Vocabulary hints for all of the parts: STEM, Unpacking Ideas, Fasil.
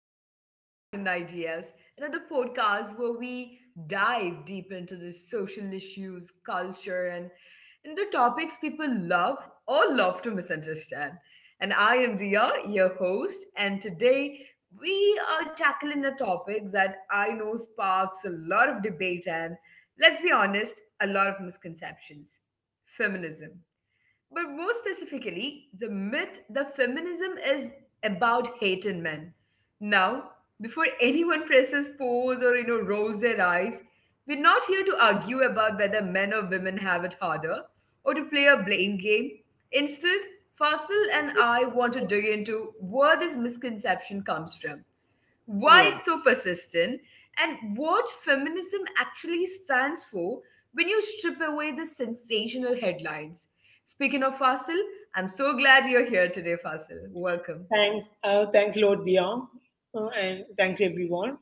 back to Unpacking Ideas, another podcast where we dive deep into the social issues, culture, and the topics people love or love to misunderstand. And I am Ria, your host, and today we are tackling a topic that I know sparks a lot of debate and, let's be honest, a lot of misconceptions feminism. But more specifically, the myth that feminism is about hating men. Now, before anyone presses pause or rolls their eyes, we're not here to argue about whether men or women have it harder or to play a blame game. Instead, Fasil and I want to dig into where this misconception comes from Yeah, why it's so persistent, and what feminism actually stands for when you strip away the sensational headlines. Speaking of Fasil, I'm so glad you're here today, Fasil. Welcome. thanks. Thanks, Lord Dia, and thanks everyone.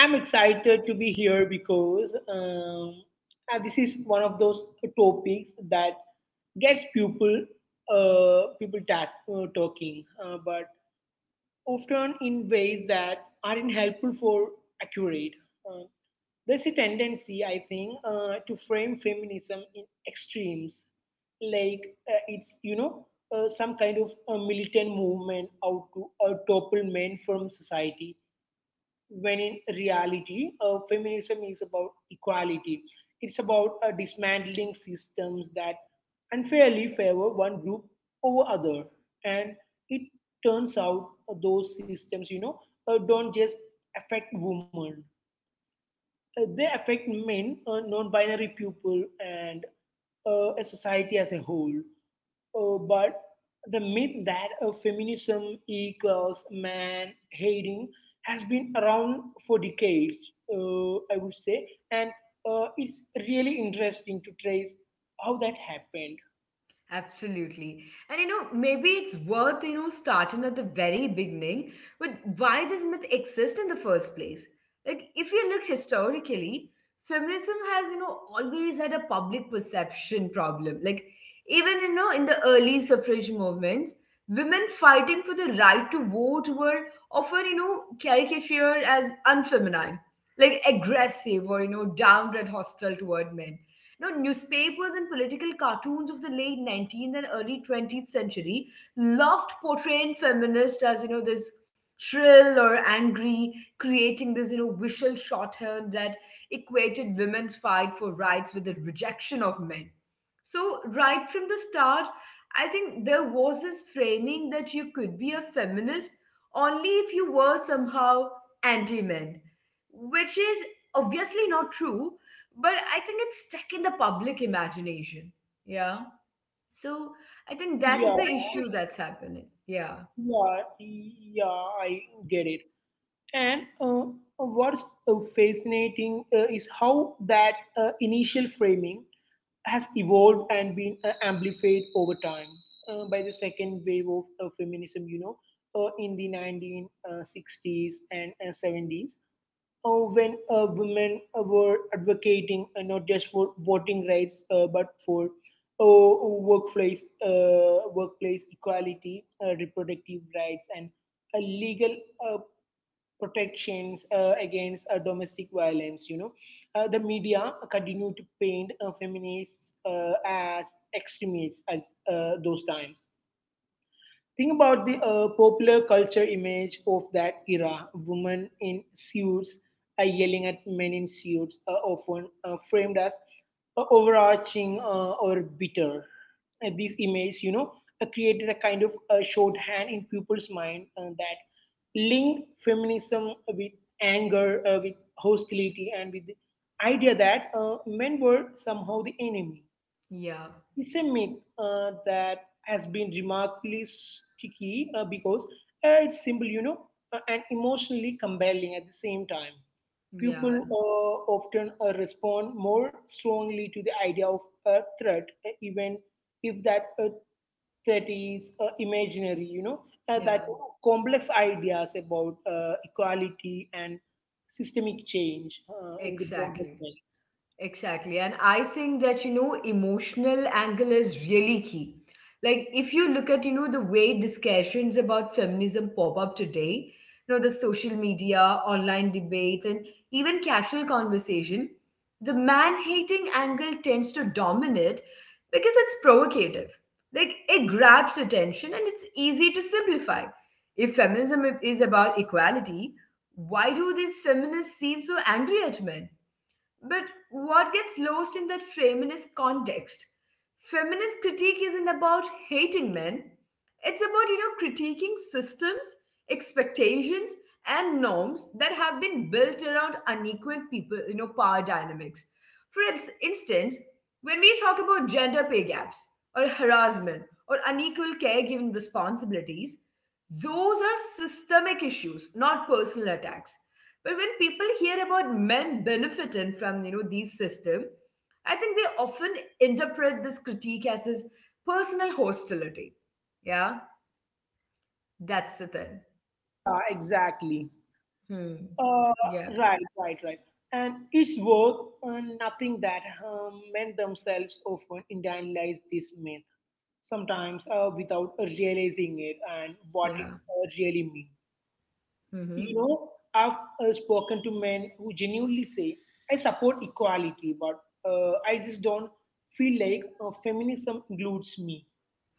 I'm excited to be here because this is one of those topics that gets people talking, but often in ways that aren't helpful for accurate. Um, There's a tendency, I think, to frame feminism in extremes, like it's some kind of a militant movement out to topple men from society. When in reality, feminism is about equality. It's about dismantling systems that unfairly favor one group over other, and it turns out those systems, you know, don't just affect women, they affect men, non binary people, and a society as a whole. But the myth that feminism equals man hating has been around for decades, I would say, and it's really interesting to trace how that happened. Absolutely. And you know, maybe it's worth, you know, starting at the very beginning with why this myth exists in the first place. Like, if you look historically, feminism has, you know, always had a public perception problem. Like, even, you know, in the early suffrage movements, women fighting for the right to vote were often, you know, caricatured as unfeminine, like aggressive or, you know, downright hostile toward men. You know, newspapers and political cartoons of the late 19th and early 20th century loved portraying feminists as, you know, this shrill or angry, creating this, you know, visual shorthand that equated women's fight for rights with the rejection of men. So, right from the start, I think there was this framing that you could be a feminist only if you were somehow anti men, which is obviously not true but I think it's stuck in the public imagination. Yeah. So I think that's Yeah, the issue that's happening. Yeah. yeah, yeah, I get it. And what's fascinating is how that initial framing has evolved and been amplified over time by the second wave of feminism, you know, in the 1960s and 70s, when women were advocating not just for voting rights, but for workplace equality, reproductive rights, and legal uh, protections against domestic violence. You know, the media continue to paint feminists as extremists as those times. Think about the popular culture image of that era, women in suits yelling at men in suits, are often framed as overarching or bitter. This image, you know, created a kind of shorthand in people's mind that linked feminism with anger, with hostility, and with the idea that men were somehow the enemy. Yeah. It's a myth that has been remarkably sticky because it's simple, you know, and emotionally compelling at the same time. People Yeah. Often respond more strongly to the idea of a threat, even if that threat is imaginary, you know, that Yeah. complex ideas about equality and systemic change in the broader Exactly. sense. Exactly. And I think that, you know, emotional angle is really key. Like, if you look at, you know, the way discussions about feminism pop up today, you know, the social media, online debates, and even casual conversation, the man hating angle tends to dominate because it's provocative. Like, it grabs attention and it's easy to simplify. If feminism is about equality, why do these feminists seem so angry at men? But what gets lost in that framing is context? Feminist critique isn't about hating men. It's about, you know, critiquing systems, expectations, and norms that have been built around unequal people, you know, power dynamics. For instance, when we talk about gender pay gaps or harassment or unequal caregiving responsibilities, those are systemic issues, not personal attacks. But when people hear about men benefiting from you know these system, I think they often interpret this critique as this personal hostility. Yeah, that's the thing. Yeah, exactly. Hmm. Uh, Yeah. right, right, right. And it's worth nothing that men themselves often internalize this myth, sometimes without realizing it and what it Yeah. Really means. Mm-hmm. You know, I've spoken to men who genuinely say, I support equality, but I just don't feel like feminism includes me,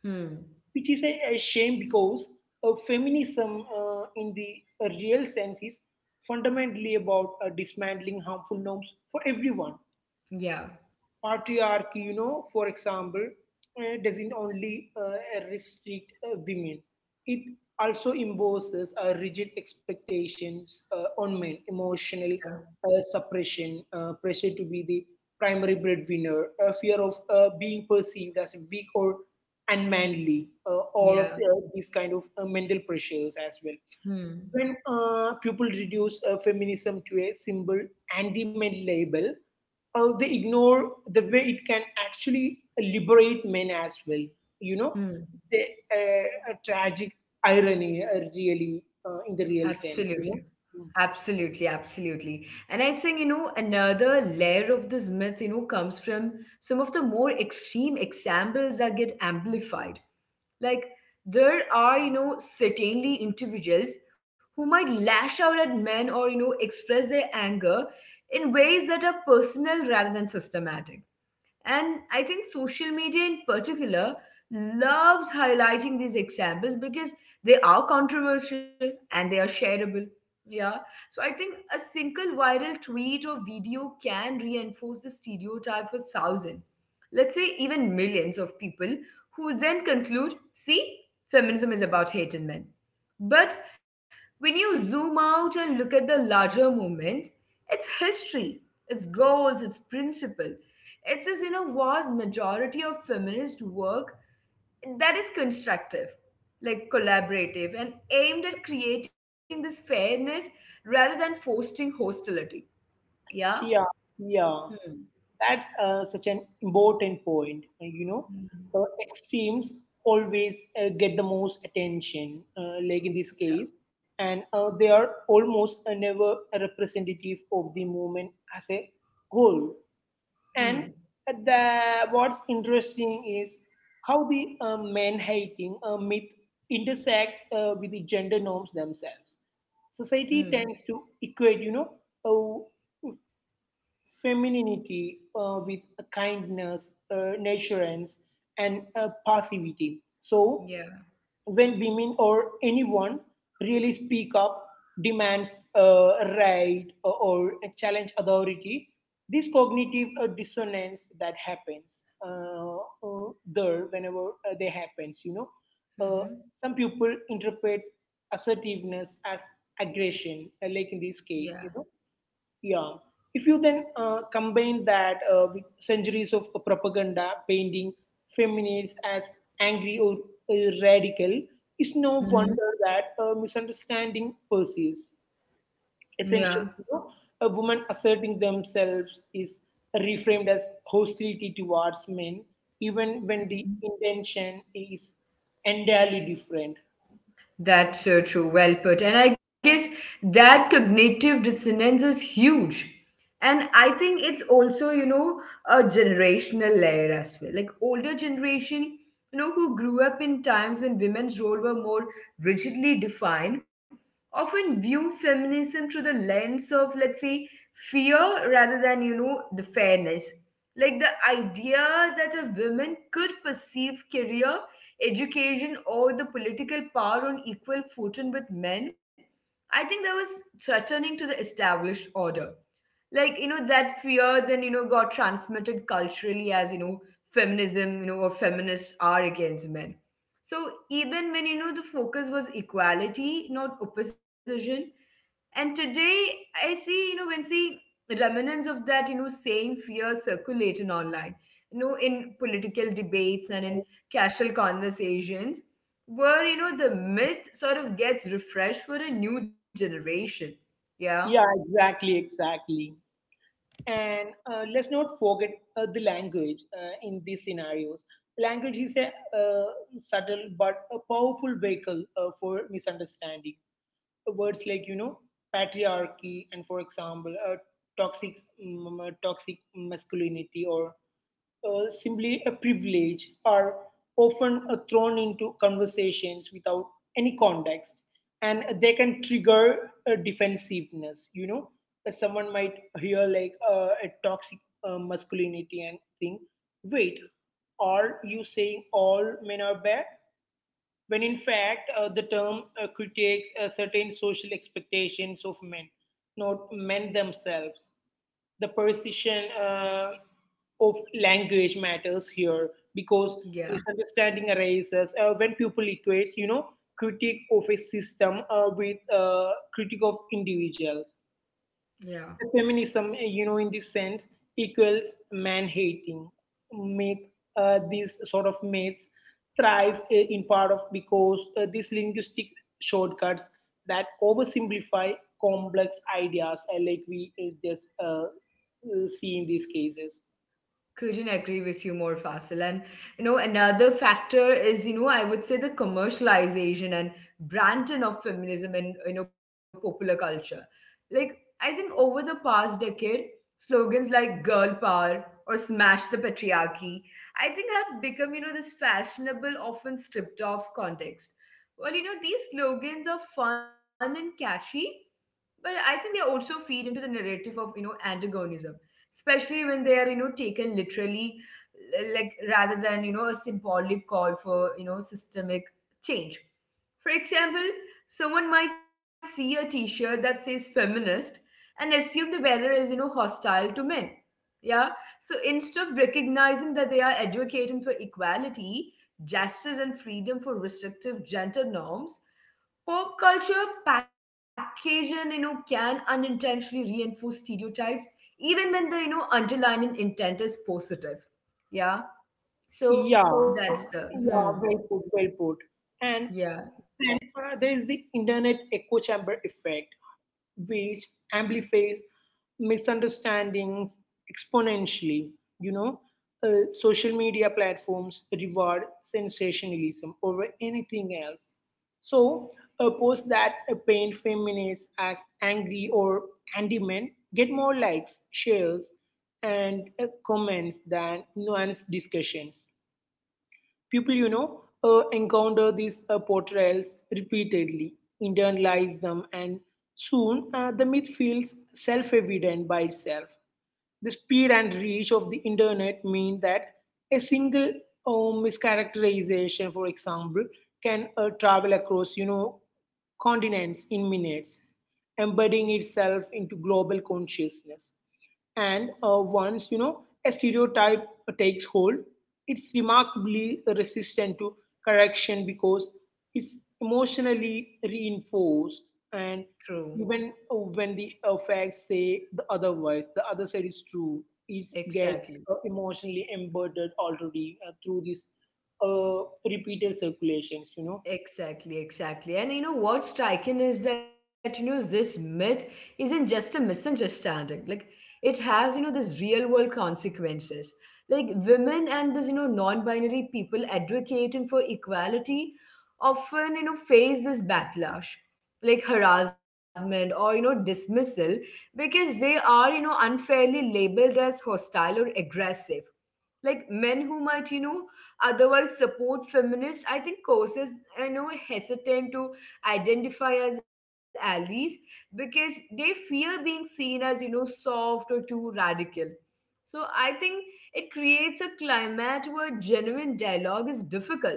Hmm. which is a shame because feminism in the real sense is fundamentally about dismantling harmful norms for everyone. Yeah. Patriarchy, you know, for example, doesn't only restrict women, it also imposes rigid expectations on men, emotional Yeah. Suppression, pressure to be the primary breadwinner, fear of being perceived as weak or unmanly, all of Yeah. These kind of mental pressures as well. Hmm. When people reduce feminism to a simple anti-men label, they ignore the way it can actually liberate men as well. You know, Hmm. the a tragic irony, really, in the real sense. Absolutely. You know, Absolutely, absolutely. And I think, you know, another layer of this myth, you know, comes from some of the more extreme examples that get amplified. Like, there are, you know, certainly individuals who might lash out at men or, you know, express their anger in ways that are personal rather than systematic. And I think social media in particular loves highlighting these examples because they are controversial and they are shareable. Yeah. So I think a single viral tweet or video can reinforce the stereotype for thousands, let's say even millions of people who then conclude, see, feminism is about hate in men. But when you zoom out and look at the larger movement, it's history, it's goals, it's principle. It's just, you know, vast majority of feminist work that is constructive, like collaborative, and aimed at creating this fairness rather than forcing hostility. Yeah? yeah, yeah. Hmm. That's such an important point. You know, Hmm. uh, extremes always get the most attention, like in this case, and they are almost never a representative of the movement as a whole. Hmm. And uh, the, what's interesting is how the man hating myth intersects with the gender norms themselves. Hmm. Society tends to equate, you know, uh, femininity with a kindness, nurturance, and passivity. So, Yeah. when women or anyone really speak up, demands uh, right or challenge authority, this cognitive dissonance that happens uh, there whenever they happens, you know, uh, Mm-hmm. some people interpret assertiveness as aggression, like in this Yeah. case, you know. Yeah. If you then combine that with centuries of propaganda painting feminists as angry or radical, it's no Mm-hmm. wonder that misunderstanding persists. Yeah. Essentially, you know, a woman asserting themselves is reframed as hostility towards men, even when the Mm-hmm. intention is entirely different. That's so true. Well put. And I guess that cognitive dissonance is huge. And I think it's also, you know, a generational layer as well. Like older generation, you know, who grew up in times when women's role were more rigidly defined, often view feminism through the lens of, let's say, fear rather than, you know, the fairness. Like the idea that a woman could perceive career education or the political power on equal footing with men, I think that was threatening to the established order. Like, you know, that fear then, you know, got transmitted culturally as, you know, feminism, you know, or feminists are against men. So even when, you know, the focus was equality, not opposition, and today I see, you know, when see remnants of that, you know, same fear circulating online, you know, in political debates and in casual conversations, where, you know, the myth sort of gets refreshed for a new generation. Yeah, Yeah, exactly, exactly. And let's not forget the language in these scenarios. Language is a uh, subtle but a powerful vehicle for misunderstanding. Words like, you know, patriarchy and, for example, toxic, toxic masculinity or simply a privilege are often thrown into conversations without any context, and they can trigger defensiveness, you know. Someone might hear like a toxic masculinity and think, wait, are you saying all men are bad, when in fact the term critiques certain social expectations of men, not men themselves. The precision of language matters here because yeah, misunderstanding arises when people equates, you know, critique of a system with critique of individuals. yeah. The feminism, you know, in this sense equals man hating myth, these sort of myths thrive, in part of because these linguistic shortcuts that oversimplify complex ideas, like we eh, just see in these cases. Couldn't agree with you more, Fasil, and you know another factor is you know I would say the commercialization and branding of feminism in you know popular culture. Like I think over the past decade, slogans like girl power or smash the patriarchy, I think have become you know this fashionable often stripped of context. Well, you know these slogans are fun and catchy, but I think they also feed into the narrative of you know antagonism, especially when they are you know taken literally, like rather than you know a symbolic call for you know systemic change. For example, someone might see a t-shirt that says feminist and assume the wearer is you know hostile to men. Yeah. So instead of recognizing that they are advocating for equality, justice and freedom for restrictive gender norms, pop culture packaging, you know, can unintentionally reinforce stereotypes, even when the you know underlying intent is positive. Yeah. So Yeah, that's the yeah, hmm. well put, well put. And Yeah. then there is the internet echo chamber effect which amplifies misunderstandings exponentially. You know, social media platforms reward sensationalism over anything else. So, posts that paint feminists as angry or anti men get more likes, shares, and comments than nuanced discussions. People, you know, encounter these portrayals repeatedly, internalize them, and soon the myth feels self evident by itself. The speed and reach of the internet mean that a single mischaracterization, for example, can travel across, you know, continents in minutes, embedding itself into global consciousness. And once you know a stereotype takes hold, it's remarkably resistant to correction because it's emotionally reinforced. True. And even when the facts say the otherwise, the other side is true. It gets Exactly. Emotionally embedded already through this uh, repeated circulations. You know, Exactly, exactly. And you know what's striking is that you know this myth isn't just a misunderstanding. Like it has you know this real world consequences. Like women and this you know non-binary people advocating for equality often you know face this backlash, like harassment or you know dismissal because they are you know unfairly labeled as hostile or aggressive. Like men who might you know otherwise support feminists, I think causes you know hesitant to identify as allies because they fear being seen as you know soft or too radical. So I think it creates a climate where genuine dialogue is difficult.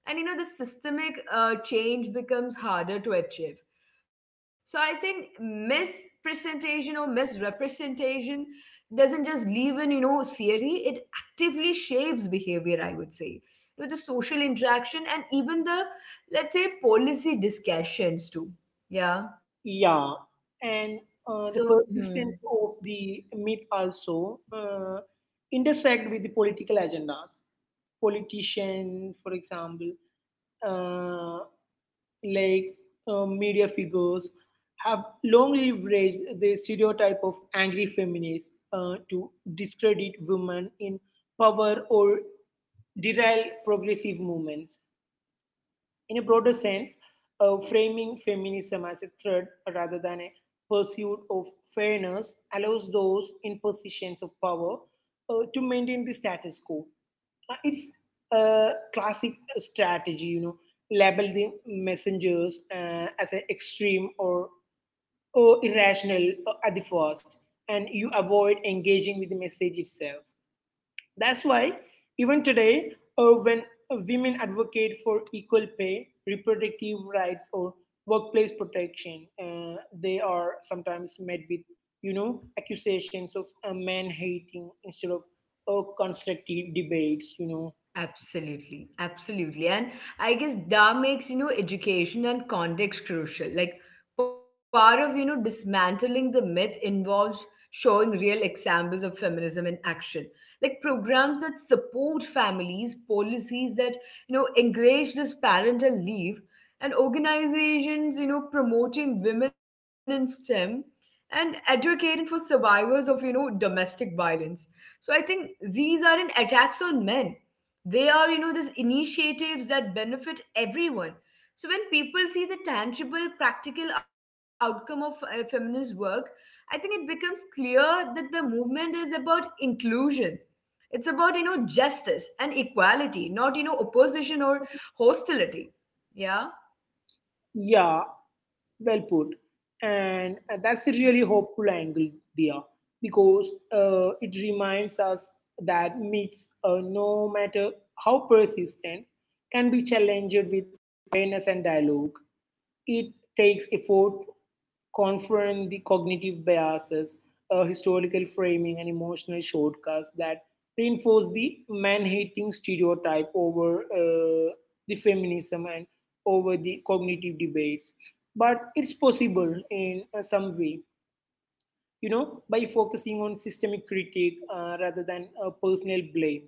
And you know, the systemic change becomes harder to achieve. So I think mispresentation or misrepresentation doesn't just leave in, you know, theory, it actively shapes behavior, I would say. You know, the social interaction and even the, let's say, policy discussions too. Yeah. yeah, So, hmm. and the persistence of the myth also intersect with the political agendas. Politicians, for example, uh, like media figures, have long leveraged the stereotype of angry feminists to discredit women in power or derail progressive movements. In a broader sense, framing feminism as a threat rather than a pursuit of fairness allows those in positions of power to maintain the status quo. It's a classic strategy, you know, label the messengers as an extreme or irrational at the first, and you avoid engaging with the message itself. That's why, even today, when women advocate for equal pay, reproductive rights, or workplace protection, they are sometimes met with, you know, accusations of man hating instead of constructive debates. You know, Absolutely, absolutely. And I guess that makes, you know, education and context crucial. Like part of, you know, dismantling the myth involves showing real examples of feminism in action. Like programs that support families, policies that, you know, encourage this parental leave, and organizations, you know, promoting women in STEM and advocating for survivors of, you know, domestic violence. So I think these aren't attacks on men, they are you know these initiatives that benefit everyone. So when people see the tangible practical outcome of feminist work, I think it becomes clear that the movement is about inclusion. It's about you know justice and equality, not you know opposition or hostility. Yeah. yeah. Well put. And that's a really hopeful angle, dear, because it reminds us that myths, no matter how persistent, can be challenged with awareness and dialogue. It takes effort confront the cognitive biases, historical framing, and emotional shortcuts that reinforce the man hating stereotype over the feminism and over the cognitive debates. But it's possible in some way, you know, by focusing on systemic critique rather than personal blame,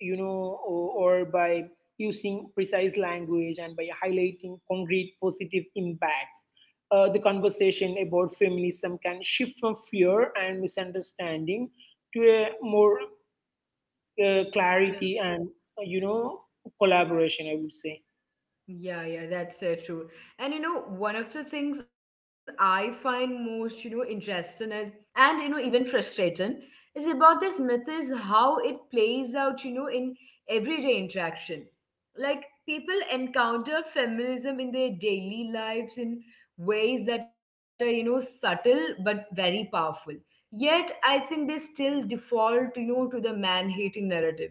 you know, or by using precise language and by highlighting concrete positive impacts, the conversation about feminism can shift from fear and misunderstanding to a more clarity and, you know, collaboration, I would say. Yeah, yeah, that's so true. And you know, one of the things I find most, you know, interesting is, and you know, even frustrating, is about this myth is how it plays out, you know, in everyday interaction. Like people encounter feminism in their daily lives in ways that are, you know, subtle but very powerful. Yet, I think they still default, you know, to the man-hating narrative.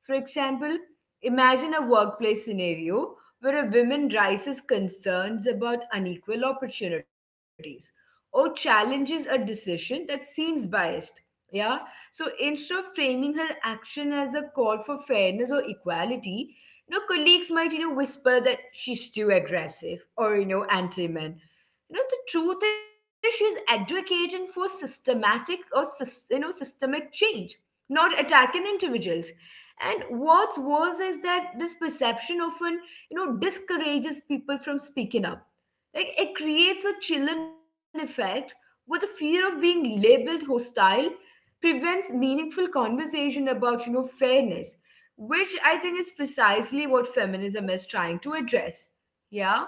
For example, imagine a workplace scenario where a woman raises concerns about unequal opportunities or challenges a decision that seems biased. Yeah, so instead of framing her action as a call for fairness or equality, you know, colleagues might, you know, whisper that she's too aggressive or, you know, anti-men. You know, the truth is she's advocating for systematic or, you know, systemic change, not attacking individuals. And what's worse is that this perception often you know discourages people from speaking up. Like it creates a chilling effect where the fear of being labeled hostile prevents meaningful conversation about you know fairness, which I think is precisely what feminism is trying to address. yeah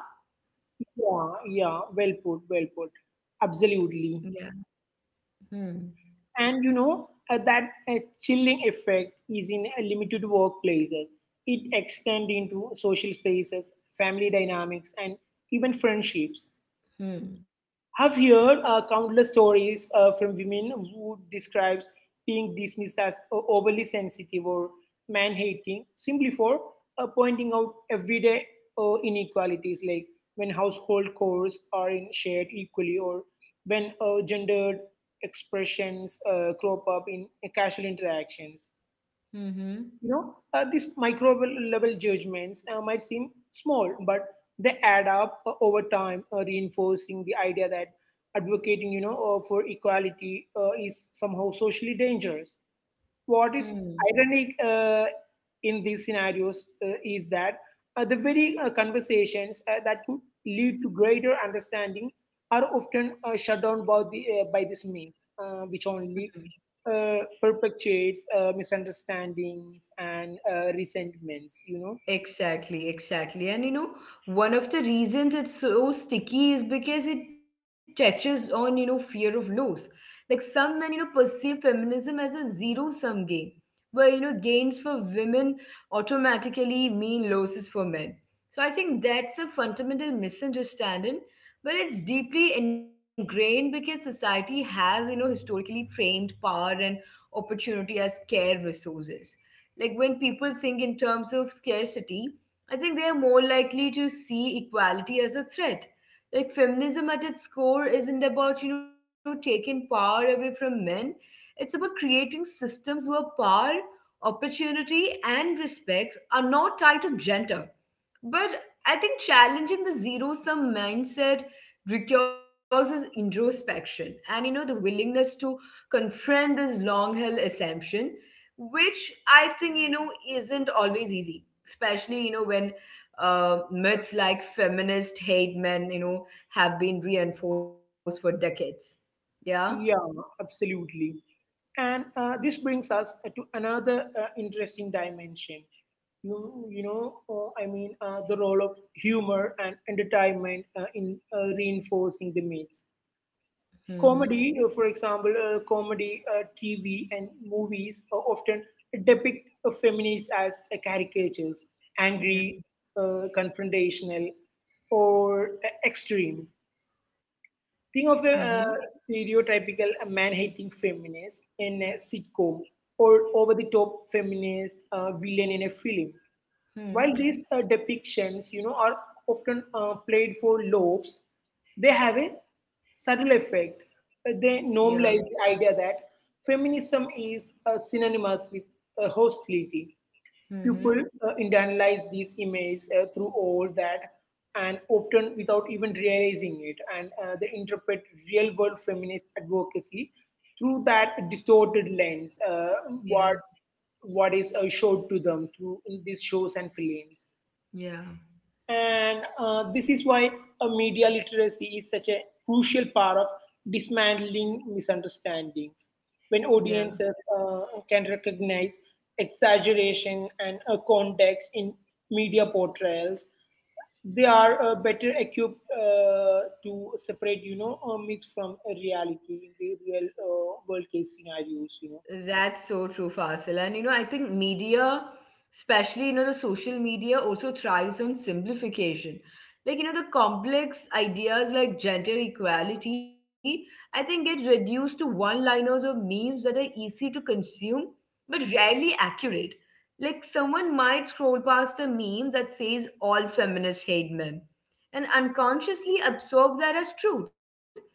Yeah, yeah, well put, well put. yeah Absolutely. Hmm. And you know that chilling effect is in limited workplaces. It extends into social spaces, family dynamics, and even friendships. Hmm. I've heard countless stories from women who describes being dismissed as overly sensitive or man-hating simply for pointing out everyday inequalities, like when household chores are in shared equally, or when gendered expressions crop up in casual interactions. Hmm. You know, these micro level judgments might seem small, but they add up over time, reinforcing the idea that advocating, you know, for equality is somehow socially dangerous. What is Hmm. ironic in these scenarios is that the very conversations that could lead to greater understanding are often shut down by, by this myth, Hmm. which only perpetuates misunderstandings and resentments, you know? Exactly, exactly. And you know, one of the reasons it's so sticky is because it touches on, you know, fear of loss. Like some men, you know, perceive feminism as a zero sum game, where, you know, gains for women automatically mean losses for men. So I think that's a fundamental misunderstanding, but it's deeply ingrained because society has, you know, historically framed power and opportunity as scarce resources. Like when people think in terms of scarcity, I think they are more likely to see equality as a threat. Like feminism at its core isn't about, you know, taking power away from men. It's about creating systems where power, opportunity, and respect are not tied to gender, but I think challenging the zero sum mindset requires introspection and you know the willingness to confront this long held assumption, which I think you know isn't always easy, especially you know when myths like feminist hate men you know have been reinforced for decades. Yeah. Yeah, absolutely. And this brings us to another interesting dimension. You know, the role of humor and entertainment in reinforcing the myths. Mm-hmm. Comedy, for example, TV, and movies often depict feminists as caricatures, Yeah. angry, confrontational, or extreme. Think of Mm-hmm. a uh, stereotypical man-hating feminist in a sitcom or over-the-top feminist villain in a film. Hmm. While these depictions, you know, are often played for laughs, they have a subtle effect. They Yeah. normalize the idea that feminism is synonymous with hostility. Mm-hmm. People internalize these images through all that and often without even realizing it. And they interpret real world feminist advocacy through that distorted lens, Yeah, what, what is showed to them through these shows and films. yeah. And this is why media literacy is such a crucial part of dismantling misunderstandings. When Yeah. audiences can recognize exaggeration and context in media portrayals, they are better equipped to separate, myths from reality in the real world case scenarios. That's so true, Fasil. And you know, I think media, especially you know, the social media also thrives on simplification. Like, you know, the complex ideas like gender equality, I think get reduced to one-liners or memes that are easy to consume but rarely accurate. Like someone might scroll past a meme that says all feminists hate men and unconsciously absorb that as truth.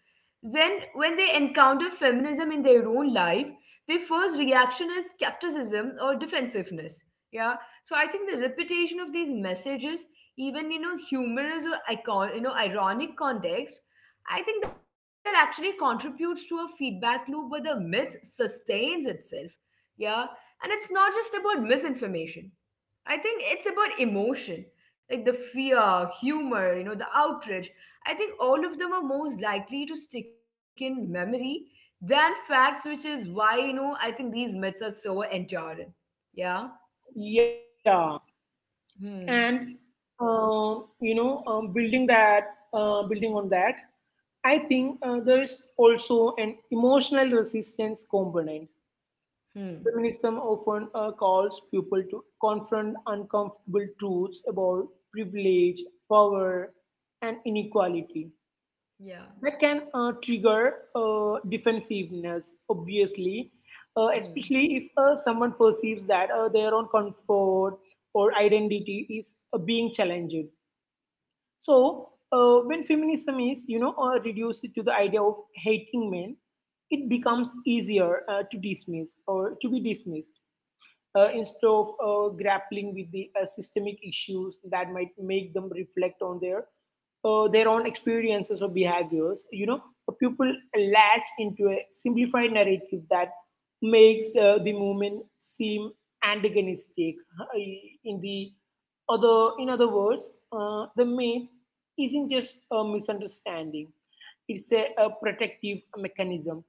Then, when they encounter feminism in their own life, their first reaction is skepticism or defensiveness. Yeah. So I think the repetition of these messages, even you know, humorous or icon, you know, ironic context, I think that actually contributes to a feedback loop where the myth sustains itself. Yeah. And it's not just about misinformation. I think it's about emotion, like the fear, humor, you know, the outrage. I think all of them are most likely to stick in memory than facts, which is why, you know, I think these myths are so enduring. Yeah. Yeah. and Hmm. You know building that building on that, I think there is also an emotional resistance component. Hmm. Feminism often calls people to confront uncomfortable truths about privilege, power, and inequality Yeah. that can trigger defensiveness, obviously, Hmm. especially if someone perceives that their own comfort or identity is being challenged. So when feminism is, reduced to the idea of hating men, it becomes easier to dismiss or to be dismissed instead of grappling with the systemic issues that might make them reflect on their own experiences or behaviors. You know, people latch into a simplified narrative that makes the movement seem antagonistic. In the in other words, the myth isn't just a misunderstanding; it's a protective mechanism,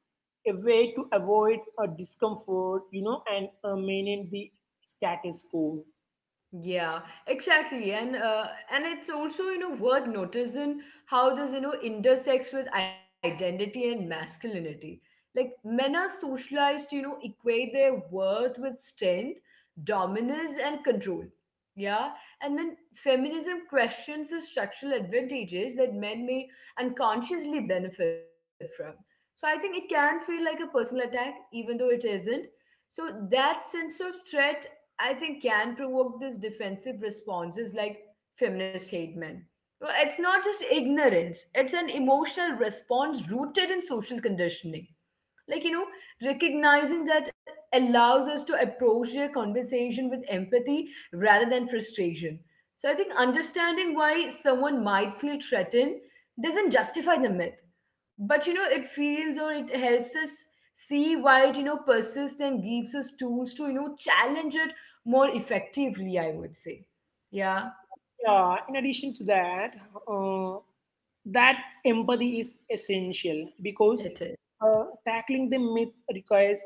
a way to avoid a discomfort, you know, and maintain the status quo. Yeah, exactly, and it's also you know worth noticing how this you know intersects with identity and masculinity. Like men are socialized to, you know, equate their worth with strength, dominance, and control. Yeah, and when feminism questions the structural advantages that men may unconsciously benefit from, so I think it can feel like a personal attack, even though it isn't. So that sense of threat, I think, can provoke this defensive responses like feminist hate men. Well, it's not just ignorance, it's an emotional response rooted in social conditioning, like you know recognizing that allows us to approach their conversation with empathy rather than frustration. So I think understanding why someone might feel threatened doesn't justify the myth, but you know it feels or it helps us see why it you know persists and gives us tools to you know challenge it more effectively, I would say. Yeah. Yeah, in addition to that, uh, that empathy is essential because It is. Tackling the myth requires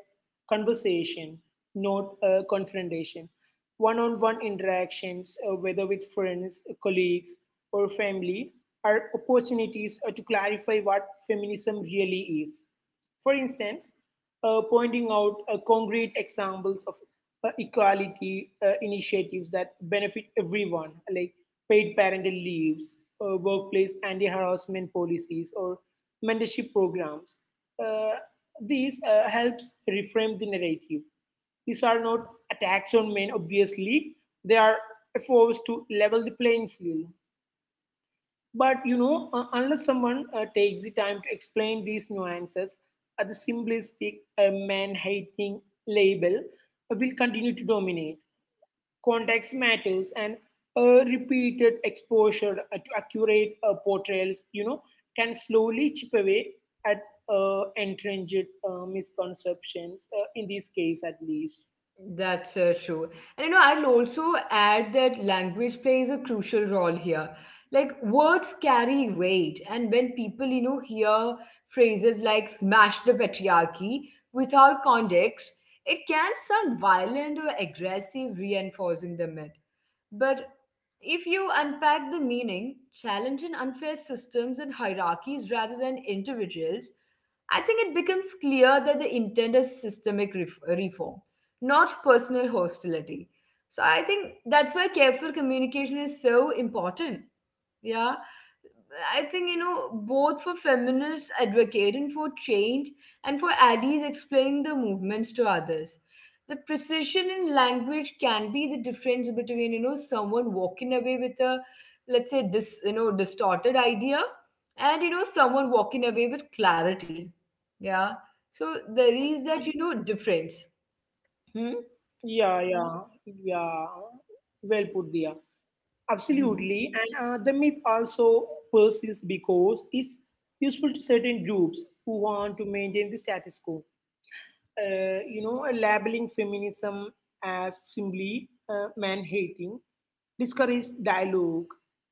conversation, not confrontation. One on one interactions, whether with friends, colleagues, or family, are opportunities to clarify what feminism really is. For instance, pointing out concrete examples of equality initiatives that benefit everyone, like paid parental leaves, workplace anti harassment policies, or mentorship programs. Uh, this helps reframe the narrative. These are not attacks on men, obviously, they are efforts to level the playing field. But you know, unless someone takes the time to explain these nuances, the simplistic man hating label will continue to dominate. Context matters, and repeated exposure to accurate portrayals, you know, can slowly chip away at entrenched misconceptions, in this case at least. That's true. And you know, I'll also add that language plays a crucial role here. Like words carry weight, and when people, you know, hear phrases like smash the patriarchy without context, it can sound violent or aggressive, reinforcing the myth. But if you unpack the meaning, challenging unfair systems and hierarchies rather than individuals, I think it becomes clear that the intent is systemic reform, not personal hostility. So I think that's why careful communication is so important. Yeah. I think, you know, both for feminists advocating for change and for allies explaining the movements to others. The precision in language can be the difference between, you know, someone walking away with a, let's say, this you know, distorted idea and, you know, someone walking away with clarity. Yeah. So there is that, you know, difference. Hmm? Yeah, yeah, yeah. Well put, Dia. Absolutely, Hmm. and the myth also persists because it's useful to certain groups who want to maintain the status quo. You know, labeling feminism as simply man hating discourages dialogue,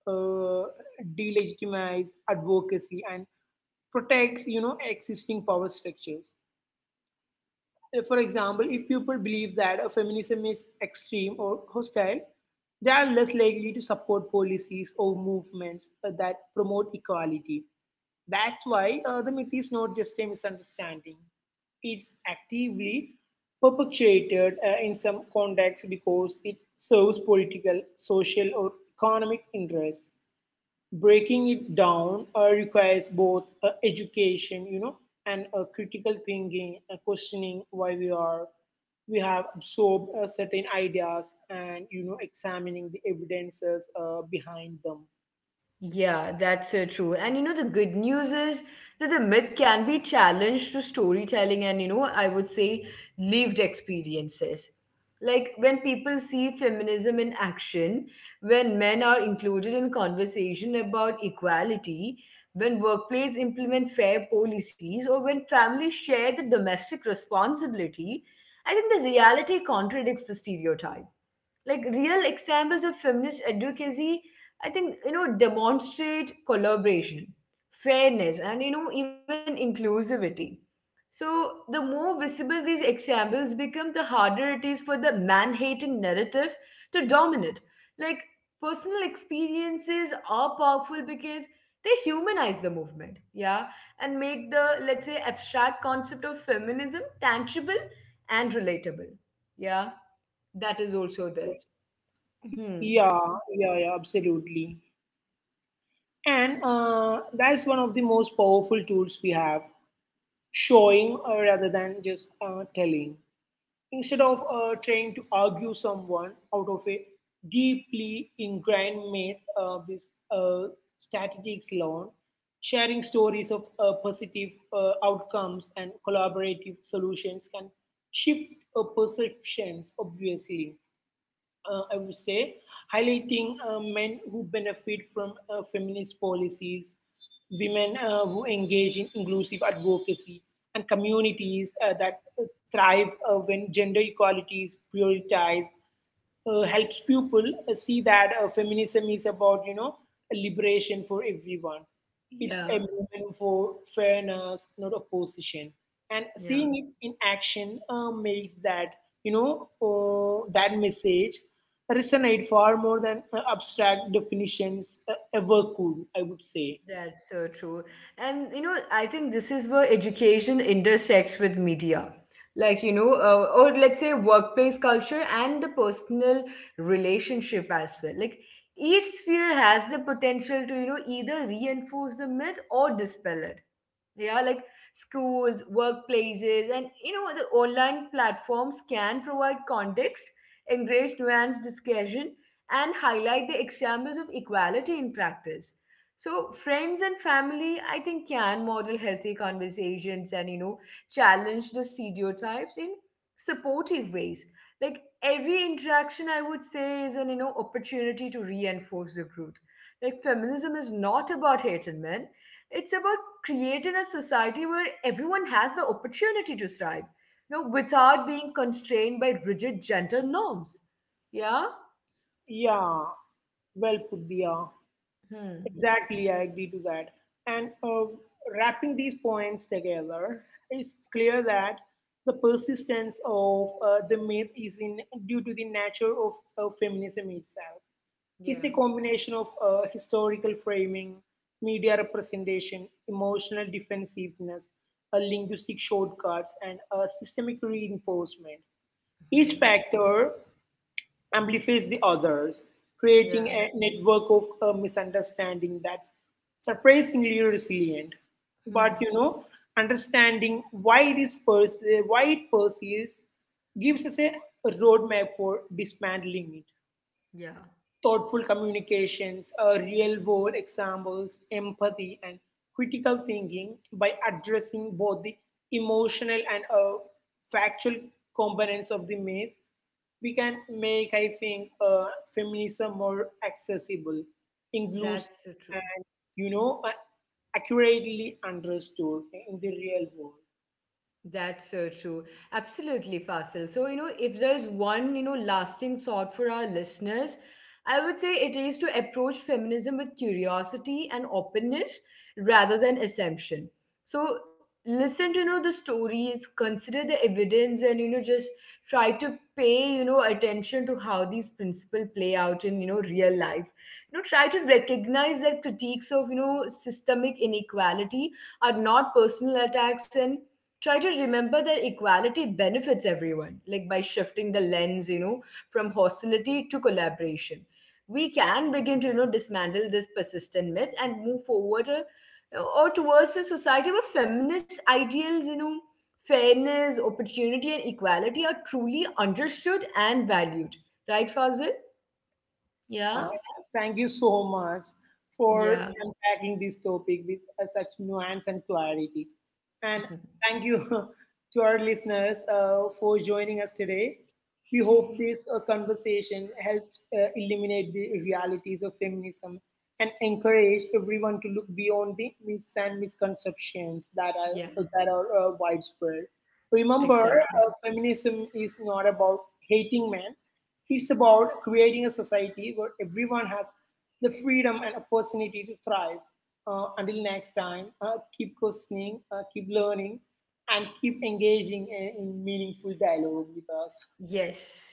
uh, delegitimize advocacy, and protects, you know, existing power structures. For example, if people believe that feminism is extreme or hostile, they are less likely to support policies or movements that promote equality. That's why the myth is not just a misunderstanding, it's actively perpetuated in some contexts because it serves political, social, or economic interests. Breaking it down requires both education, you know, and critical thinking, questioning why we have absorbed certain ideas and, you know, examining the evidences behind them. Yeah, that's so true. And you know, the good news is that the myth can be challenged through storytelling and, you know, I would say lived experiences. Like when people see feminism in action, when men are included in conversation about equality, when workplaces implement fair policies, or when families share the domestic responsibility, I think the reality contradicts the stereotype. Like real examples of feminist advocacy, I think you know demonstrate collaboration, fairness, and you know even inclusivity. So the more visible these examples become, the harder it is for the man-hating narrative to dominate. Like personal experiences are powerful because they humanize the movement, yeah, and make the, let's say, abstract concept of feminism tangible and relatable. Yeah, that is also there. Yeah, Hmm. yeah, yeah, absolutely. And that's one of the most powerful tools we have, showing rather than just telling, instead of trying to argue someone out of a deeply ingrained myth of this statistics alone, sharing stories of positive outcomes and collaborative solutions can shift perceptions, obviously. I would say, highlighting men who benefit from feminist policies, women who engage in inclusive advocacy, and communities that thrive when gender equality is prioritized helps people see that feminism is about, you know, liberation for everyone. It's a Yeah, movement for fairness, not opposition. And yeah, seeing it in action makes that, you know, that message resonate far more than abstract definitions ever could, I would say. that's so true. And you know, I think this is where education intersects with media. Like, you know, or let's say workplace culture and the personal relationship as well. Like, each sphere has the potential to, you know, either reinforce the myth or dispel it. Yeah, like schools, workplaces, and you know the online platforms can provide context, encourage nuanced discussion, and highlight the examples of equality in practice. So friends and family, I think, can model healthy conversations and you know challenge the stereotypes in supportive ways. Like every interaction, I would say, is an you know opportunity to reinforce the truth. Like feminism is not about hating men, it's about creating a society where everyone has the opportunity to thrive, you know, without being constrained by rigid gender norms. Yeah? Yeah, well put, yeah. Hmm. Exactly, I agree to that. And wrapping these points together, it's clear that the persistence of the myth is in due to the nature of feminism itself. Yeah. It's a combination of historical framing, media representation, emotional defensiveness, linguistic shortcuts, and systemic reinforcement. Each Hmm. factor amplifies the others, creating Yeah. a network of misunderstanding that's surprisingly resilient. But you Hmm. know, understanding why it persists gives us a roadmap for dismantling it: Yeah. thoughtful communications, real world examples, empathy, and critical thinking. By addressing both the emotional and factual components of the myth, we can make, I think, feminism more accessible, inclusive, That's so true. and, you know, accurately understood in the real world. That's so true. Absolutely, Fasil. So, you know, if there's one, you know, lasting thought for our listeners, I would say it is to approach feminism with curiosity and openness rather than assumption. So, listen to, you know, the stories, consider the evidence, and, you know, just try to pay, you know, attention to how these principles play out in, you know, real life. You know, try to recognize that critiques of, you know, systemic inequality are not personal attacks and try to remember that equality benefits everyone, like by shifting the lens, you know, from hostility to collaboration. We can begin to, you know, dismantle this persistent myth and move forward or towards a society where feminist ideals, you know, fairness, opportunity, and equality are truly understood and valued. Right, Fazil? Yeah, Yeah, thank you so much for yeah, unpacking this topic with such nuance and clarity. And thank you to our listeners for joining us today. We hope this conversation helps eliminate the realities of feminism and encourage everyone to look beyond the myths and misconceptions that yeah, are that are uh, widespread. Remember, exactly. Feminism is not about hating men; it's about creating a society where everyone has the freedom and opportunity to thrive. Until next time, keep questioning, keep learning, and keep engaging in meaningful dialogue with us. Yes.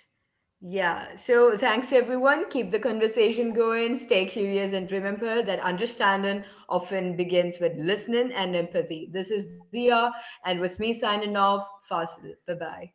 Yeah. So thanks, everyone. Keep the conversation going. Stay curious and remember that understanding often begins with listening and empathy. This is Dia, and with me signing off, Fasil. Bye bye.